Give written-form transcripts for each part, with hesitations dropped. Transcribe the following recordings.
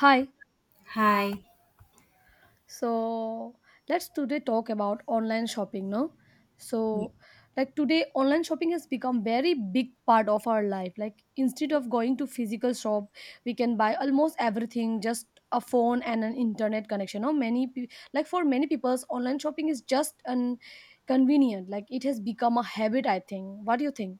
Hi. Hi. So let's today talk about online shopping, no? So like today online shopping has become very big part of our life. Like instead of going to physical shop, we can buy almost everything just a phone and an internet connection. No, like for many people online shopping is just an convenient. Like it has become a habit, I think. What do you think?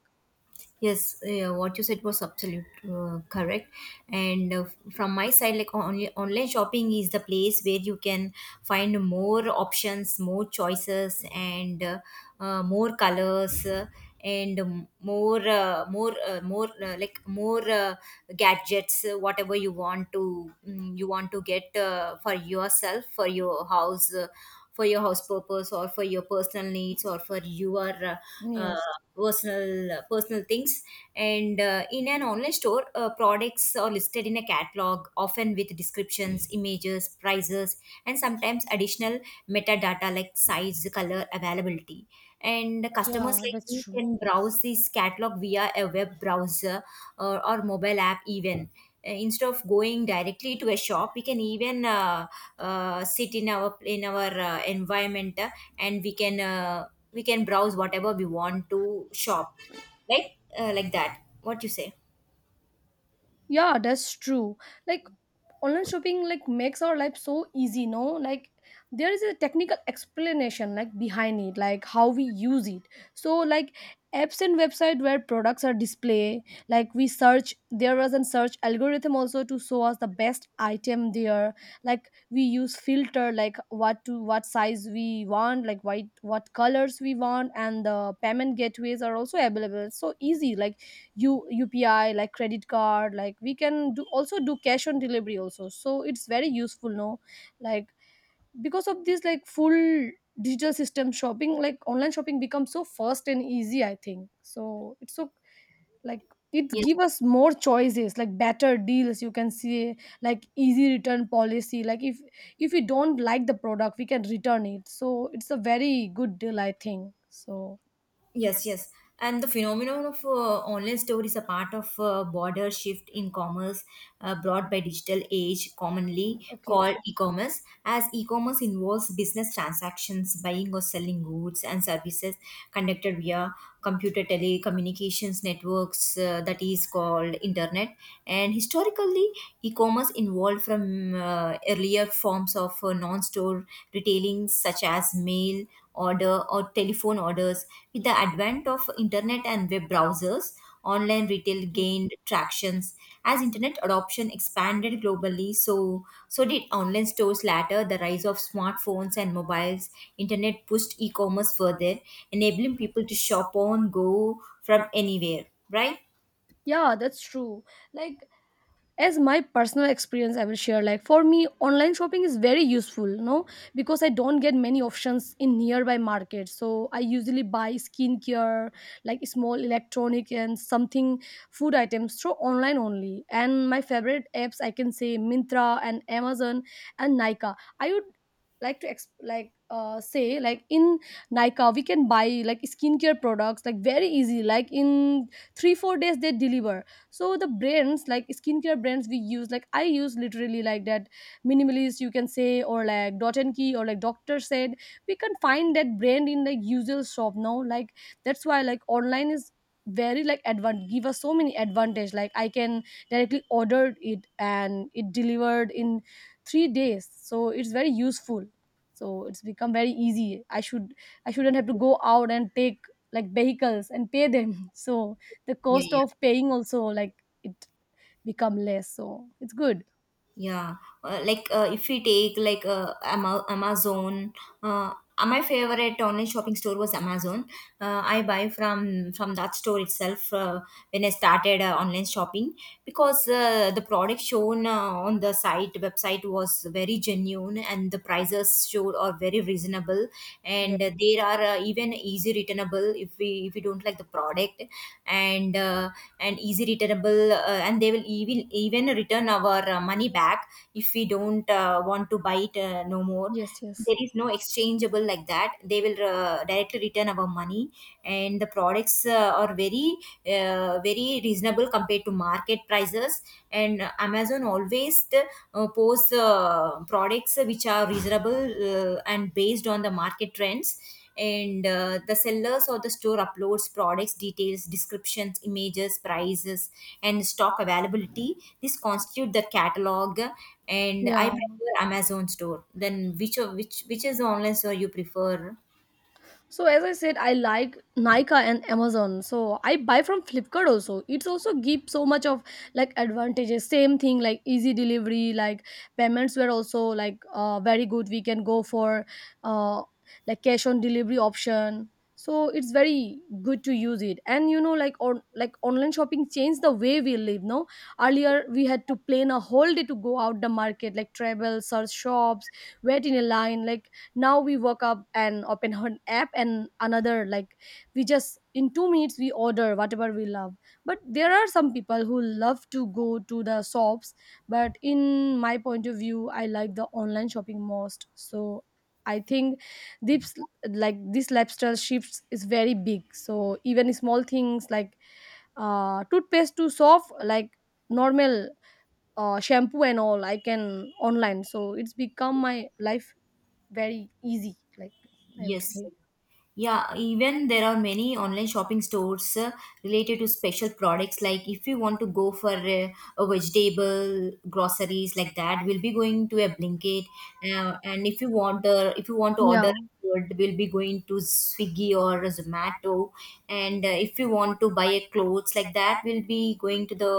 Yes, what you said was absolute correct. And from my side, like only online shopping is the place where you can find more options, more choices, and more colors, and more, more, more like more gadgets, whatever you want to you want to get for yourself, for your house. For your house purpose or for your personal needs or for your uh, Yes. personal personal things and in an online store products are listed in a catalog, often with descriptions, images, prices, and sometimes additional metadata like size, color, availability. And customers Yeah, like that's me true. can browse this catalog via a web browser or mobile app even. Instead of going directly to a shop, we can even sit in our environment and we can browse whatever we want to shop, right? Like that, what you say. Yeah, that's true. Like online shopping like makes our life so easy, no? Like there is a technical explanation like behind it, like how we use it. So like apps and website where products are display, like we search there was a search algorithm also to show us the best item there. Like we use filter like what to what size we want, like what colors we want and the payment gateways are also available. It's so easy. Like UPI, like credit card, like we can do also do cash on delivery also. So it's very useful, no? Like because of this like full digital system shopping, like online shopping becomes so fast and easy, I think. So it's so like it Yes. give us more choices like better deals you can see like easy return policy like if we don't like the product we can return it, so it's a very good deal, I think so. Yes, yes. And the phenomenon of online store is a part of border shift in commerce brought by digital age, commonly Okay, called e-commerce. As e-commerce involves business transactions, buying or selling goods and services conducted via computer telecommunications networks, that is called internet. And historically, e-commerce involved from earlier forms of non-store retailing such as mail order or telephone orders. With the advent of internet and web browsers, online retail gained tractions. As internet adoption expanded globally, so, so did online stores. Latter, the rise of smartphones and mobiles, internet pushed e-commerce further, enabling people to shop on go from anywhere, right? yeah, that's true. Like as my personal experience I will share, like for me online shopping is very useful, no? Because I don't get many options in nearby market, so I usually buy skincare like small electronic and something food items through online only. And my favorite apps I can say Mintra and Amazon and Nika. I would like to say like in Nika we can buy like skincare products like very easy, like in 3 4 days they deliver. So the brands like skincare brands we use, like I use literally like that minimalist, you can say, or like Dot and Key or like Doctor Said, we can find that brand in the usual shop now. Like that's why like online is very like advan give us so many advantage. Like I can directly ordered it and it delivered in 3 days, so it's very useful. So it's become very easy. I should I shouldn't have to go out and take like vehicles and pay them so the Yeah, cost yeah. of paying also like it become less, so it's good. Yeah, like if we take like Amazon, uh, my favorite online shopping store was Amazon. I buy from that store itself when I started online shopping, because the product shown on the site website was very genuine and the prices showed are very reasonable. Yeah. And they are even easy returnable if we don't like the product. And uh, and easy returnable, and they will even return our money back if we don't want to buy it no more. Yes, yes. There is no exchangeable like that, they will directly return our money. And the products are very very reasonable compared to market prices. And amazon always posts products which are reasonable, and based on the market trends. And the sellers or the store uploads products details, descriptions, images, prices, and stock availability. This constitute the catalog. And I Yeah. prefer amazon store. Then which of which is the online store you prefer? So as I said, I like Nika and Amazon. So I buy from Flipkart also. It's also give so much of like advantages. Same thing like easy delivery, like payments were also like very good. We can go for uh, like cash on delivery option. So it's very good to use it. And you know, like on like online shopping changed the way we live. No, earlier we had to plan a whole day to go out the market, like travel, search shops, wait in a line, like now we woke up and open an app and another like we just in 2 minutes we order whatever we love. But there are some people who love to go to the shops, but in my point of view I like the online shopping most. So I think this like this lifestyle shifts is very big, so even small things like toothpaste to soft like normal shampoo and all I can online, so it's become my life very easy like I would Yes. say. Yeah, even there are many online shopping stores related to special products. Like if you want to go for a vegetable groceries like that, we'll be going to a Blinkit. And if you want to Yeah, order food, we'll be going to Swiggy or Zomato. And if you want to buy a clothes like that, we'll be going to the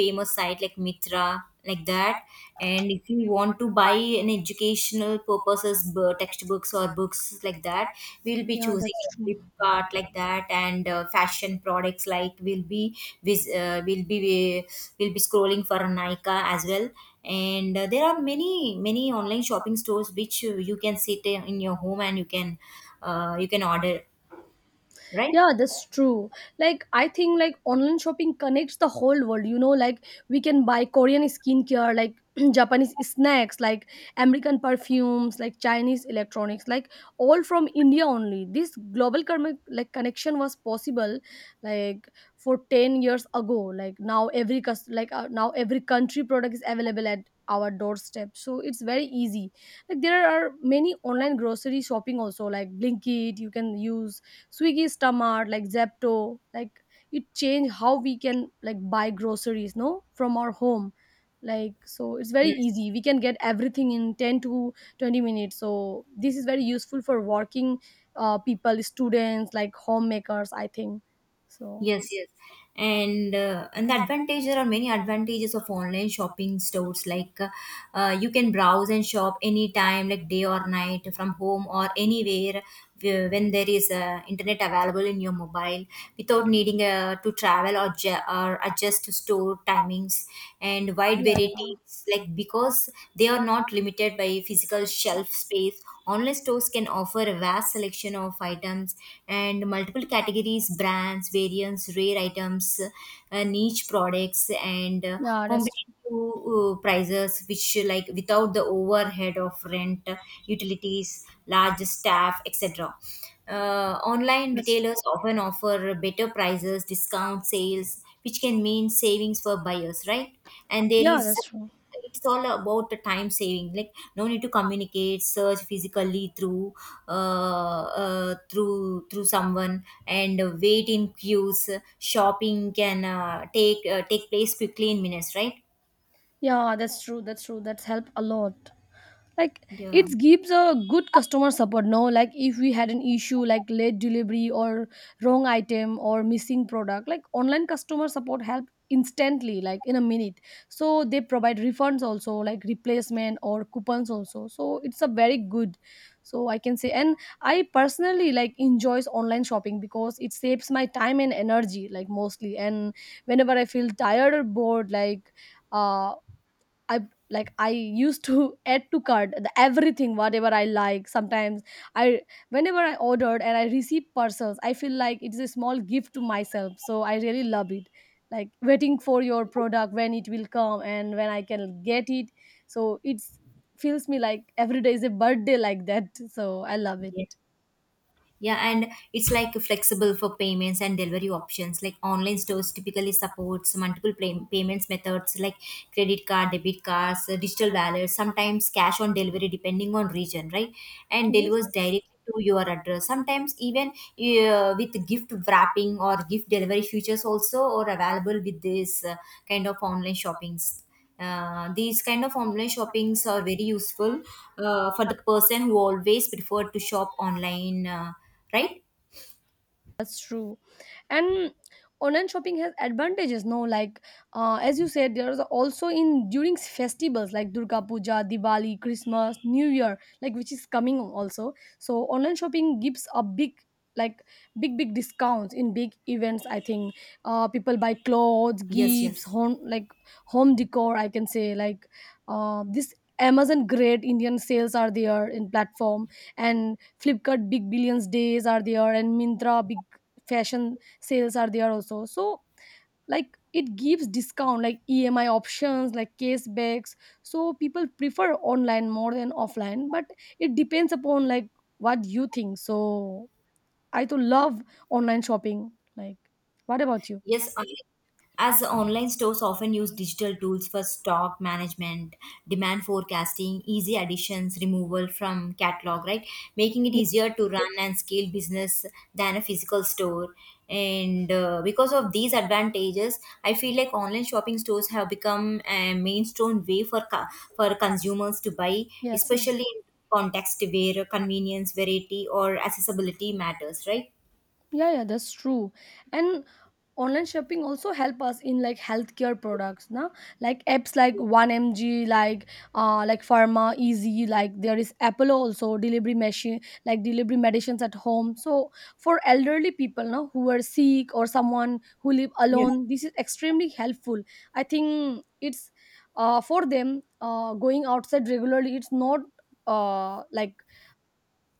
famous site like Mitra, like that. And if you want to buy an educational purposes, textbooks or books like that, we'll be yeah, choosing that's true. Flipkart like that. And fashion products like we'll be vis- uh, we'll be we'll be scrolling for Nykaa as well. And there are many many online shopping stores which you can sit in your home and you can order, right? Yeah, that's true. Like I think like online shopping connects the whole world, you know. Like we can buy Korean skincare like Japanese snacks like American perfumes like Chinese electronics like all from India only. This like connection was possible like for 10 years ago. Like now like now every country product is available at our doorstep, so it's very easy. Like there are many online grocery shopping also, like Blinkit you can use, Swiggy Stamart, like Zepto, like it changed how we can like buy groceries, no, from our home. Like so, it's very easy. We can get everything in 10 to 20 minutes. So this is very useful for working people, students, like homemakers, I think so. Yes, yes. And and the advantage, there are many advantages of online shopping stores like, you can browse and shop anytime, like day or night, from home or anywhere when there is internet available in your mobile, without needing to travel or, or adjust to store timings. And wide Yeah, yeah, varieties, like because they are not limited by physical shelf space. Online stores can offer a vast selection of items and multiple categories, brands, variants, rare items, niche products, and yeah. That's true. competitive prices, which like without the overhead of rent, utilities, large staff, etc. Online That's true. retailers often offer better prices, discount sales, which can mean savings for buyers, right? And there Yeah, is, that's true. it's all about the time saving. Like no need to communicate, search physically through, through someone, and wait in queues. Shopping can take place quickly in minutes, right? Yeah, that's true. That's true. That's helped a lot. Like Yeah. it gives a good customer support, no? Like if we had an issue like late delivery or wrong item or missing product, like online customer support help instantly, like in a minute. So they provide refunds also like replacement or coupons also, so it's a very good, so I can say. And I personally like enjoys online shopping because it saves my time and energy like mostly. And whenever I feel tired or bored, like uh i I used to add to cart the everything whatever I like. Sometimes I whenever I ordered and I receive parcels, I feel like it is a small gift to myself, so I really love it. Like waiting for your product when it will come and when I can get it, so it's feels me like every day is a birthday like that so I love it. Yeah, and it's like flexible for payments and delivery options. Like online stores typically supports multiple payments methods like credit card, debit cards, digital wallets, sometimes cash on delivery depending on region, right? And Yes. delivers directly to your address. Sometimes even with gift wrapping or gift delivery features also are available with this kind of online shoppings. These kind of online shoppings are very useful for the person who always prefer to shop online, right? That's true. And online shopping has advantages, no? Like, as you said, there's also in during festivals like Durga Puja, Diwali, Christmas, New Year, like which is coming also. So online shopping gives a big like big discounts in big events, I think. Uh people buy clothes, Yes, gifts, yes. home like home decor, I can say. Like this Amazon Great Indian Sales are there in platform and Flipkart Big Billions Days are there and Mintra Big fashion sales are there also. So like it gives discount like EMI options like cashbacks, so people prefer online more than offline. But it depends upon like what you think, so I too love online shopping. Like what about you? Yes, as online stores often use digital tools for stock management, demand forecasting, easy additions, removal from catalog, right? Making it Yes, easier to run and scale business than a physical store. And because of these advantages, I feel like online shopping stores have become a mainstream way for for consumers to buy, yes. especially in context where convenience, variety, or accessibility matters, right? Yeah, yeah, that's true. And online shopping also help us in like healthcare products now, like apps like 1mg, like Pharma Easy, like there is Apollo also delivery machine, like delivery medicines at home. So for elderly people now who are sick or someone who live Yes. alone, this is extremely helpful. I think it's for them going outside regularly, it's not like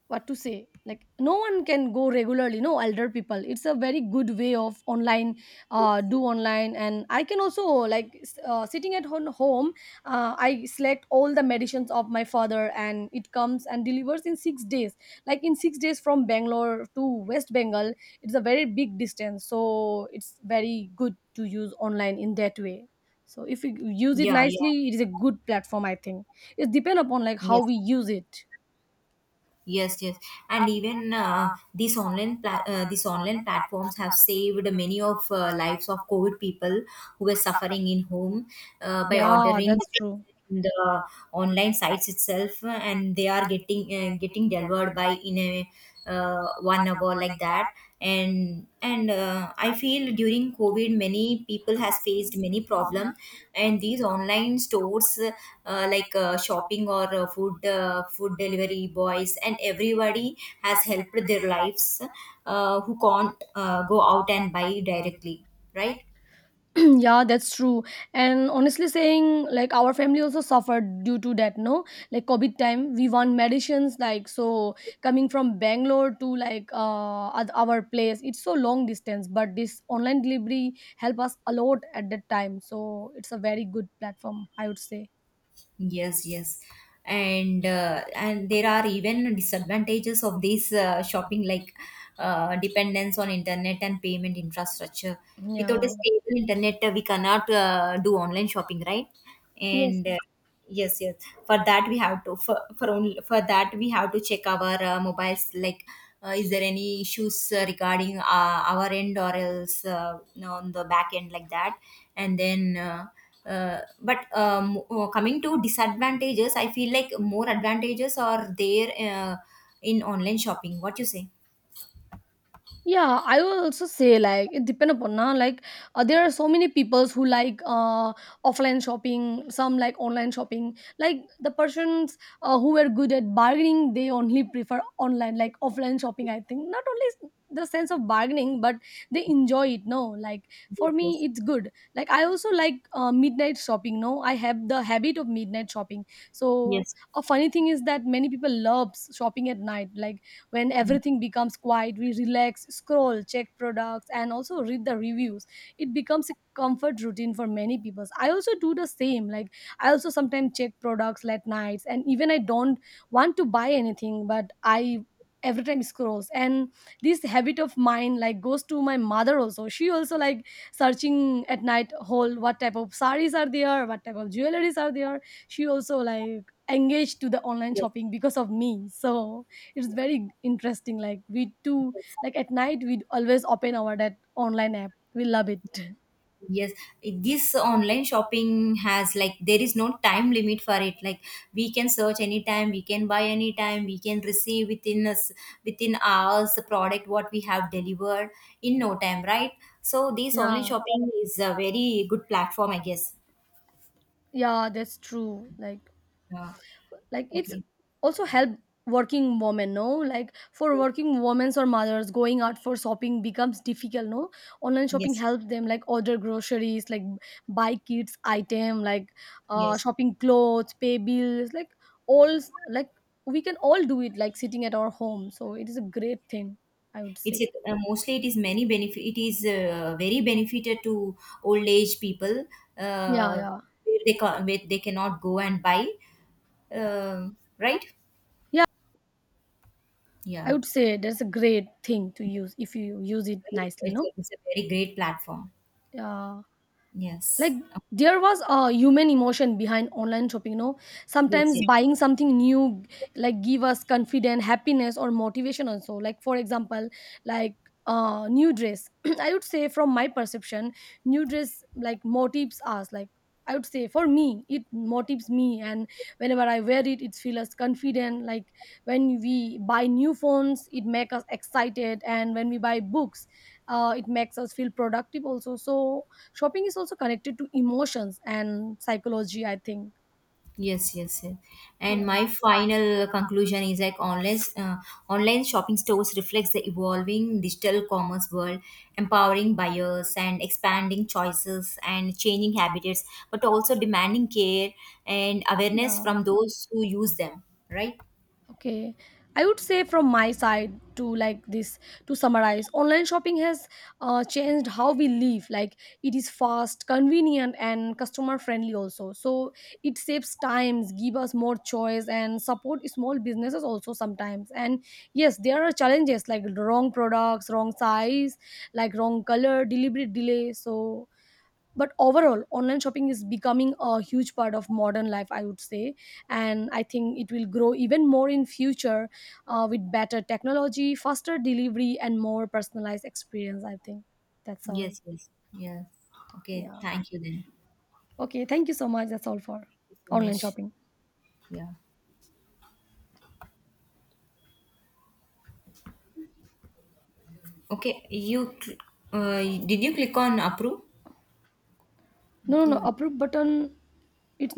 what to say, like no one can go regularly, no? Elder people, it's a very good way of online, do online. And I can also like sitting at home, I select all the medicines of my father and it comes and delivers in 6 days. Like in 6 days from Bangalore to West Bengal, it's a very big distance, so it's very good to use online in that way. So if you use it Yeah, yeah, nicely, it is a good platform, I think. It depends upon like how yes. we use it. Yes, yes, and even these these online platforms have saved many of lives of COVID people who were suffering in home, by Yeah, ordering that's true. in the online sites itself, and they are getting getting delivered by in a 1 hour like that. And I feel during covid many people has faced many problem, and these online stores, like shopping or food delivery boys and everybody has helped their lives, who can't go out and buy directly, right? Yeah, that's true. And honestly saying, like our family also suffered due to that, no? Like COVID time we want medicines, like so coming from Bangalore to like our place, it's so long distance. But this online delivery help us a lot at that time, so it's a very good platform, I would say. Yes, yes. And and there are even disadvantages of this shopping, like dependence on internet and payment infrastructure. Without a Yeah. stable internet, we cannot do online shopping, right? Yes. And yes, yes. For that we have to, for only for that we have to check our mobiles. Like, is there any issues regarding our end or else on the back end like that? And then. But coming to disadvantages, I feel like more advantages are there in online shopping. What you say? Yeah, I will also say like it depend upon na. Like there are so many peoples who like offline shopping, some like online shopping. Like the persons who are good at bargaining, they only prefer online, like offline shopping. I think not only the sense of bargaining, but they enjoy it. No, like Yes, for me, yes, it's good. Like I also like midnight shopping. No, I have the habit of midnight shopping. So yes, a funny thing is that many people loves shopping at night. Like when yes, everything becomes quiet we relax, scroll, check products and also read the reviews. It becomes a comfort routine for many people. I also do the same, like I also sometimes check products late nights. And even I don't want to buy anything, but I every time scrolls. And this habit of mine like goes to my mother also. She also like searching at night whole what type of saris are there, what type of jewelries are there. She also like engaged to the online yes, shopping because of me, so it's very interesting like we do. yes, Like at night we always open our that online app, we love it. yes. This online shopping has, like there is no time limit for it. Like we can search anytime, we can buy anytime, we can receive within us within hours the product what we have delivered, in no time, right? So this online Yeah, shopping is a very good platform, I guess. yeah, that's true. like Uh, like it's okay. also help working women, no? Like for working women or mothers going out for shopping becomes difficult, no? Online shopping Yes, helps them, like order groceries, like buy kids item, like yes. shopping clothes, pay bills, like all like we can all do it like sitting at our home, so it is a great thing I would It's say. a, mostly it is many benefit. It is very benefited to old age people. Yeah, Uh, yeah, where they where they cannot go and buy. Right? yeah. I Yeah. would say that's a great thing to use if you use it nicely. No, It's a very great platform. yeah. Like Yes. there was a human emotion behind online shopping, you know. Yes. Sometimes Yes. buying something new like give us confidence, happiness or motivation also. Like for example, like new dress, I would say from my perception, new dress like motives us, like I would say for me it motives me. And whenever I wear it, it feels us confident. Like when we buy new phones, it makes us excited. And when we buy books, it makes us feel productive also. So shopping is also connected to emotions and psychology, I think. Yes, yes, yes. And Yeah. my final conclusion is like online online shopping stores reflects the evolving digital commerce world, empowering buyers and expanding choices and changing habits, but also demanding care and awareness Yeah. from those who use them. Right? Okay. I would say from my side to like this, to summarize, online shopping has changed how we live. Like it is fast, convenient, and customer friendly also. So it saves times, give us more choice, and support small businesses also sometimes. And yes, there are challenges like wrong products, wrong size, like wrong color, deliberate delay. So but overall online shopping is becoming a huge part of modern life, I would say. And I think it will grow even more in future, with better technology, faster delivery and more personalized experience, I think. That's all. Yes, yes, yes. Okay. Yeah. Thank you then. Okay, thank you so much. That's all for Thank you so online much. shopping. Yeah. Okay. You did you click on approve? No, no, no Okay. approve button. It's not.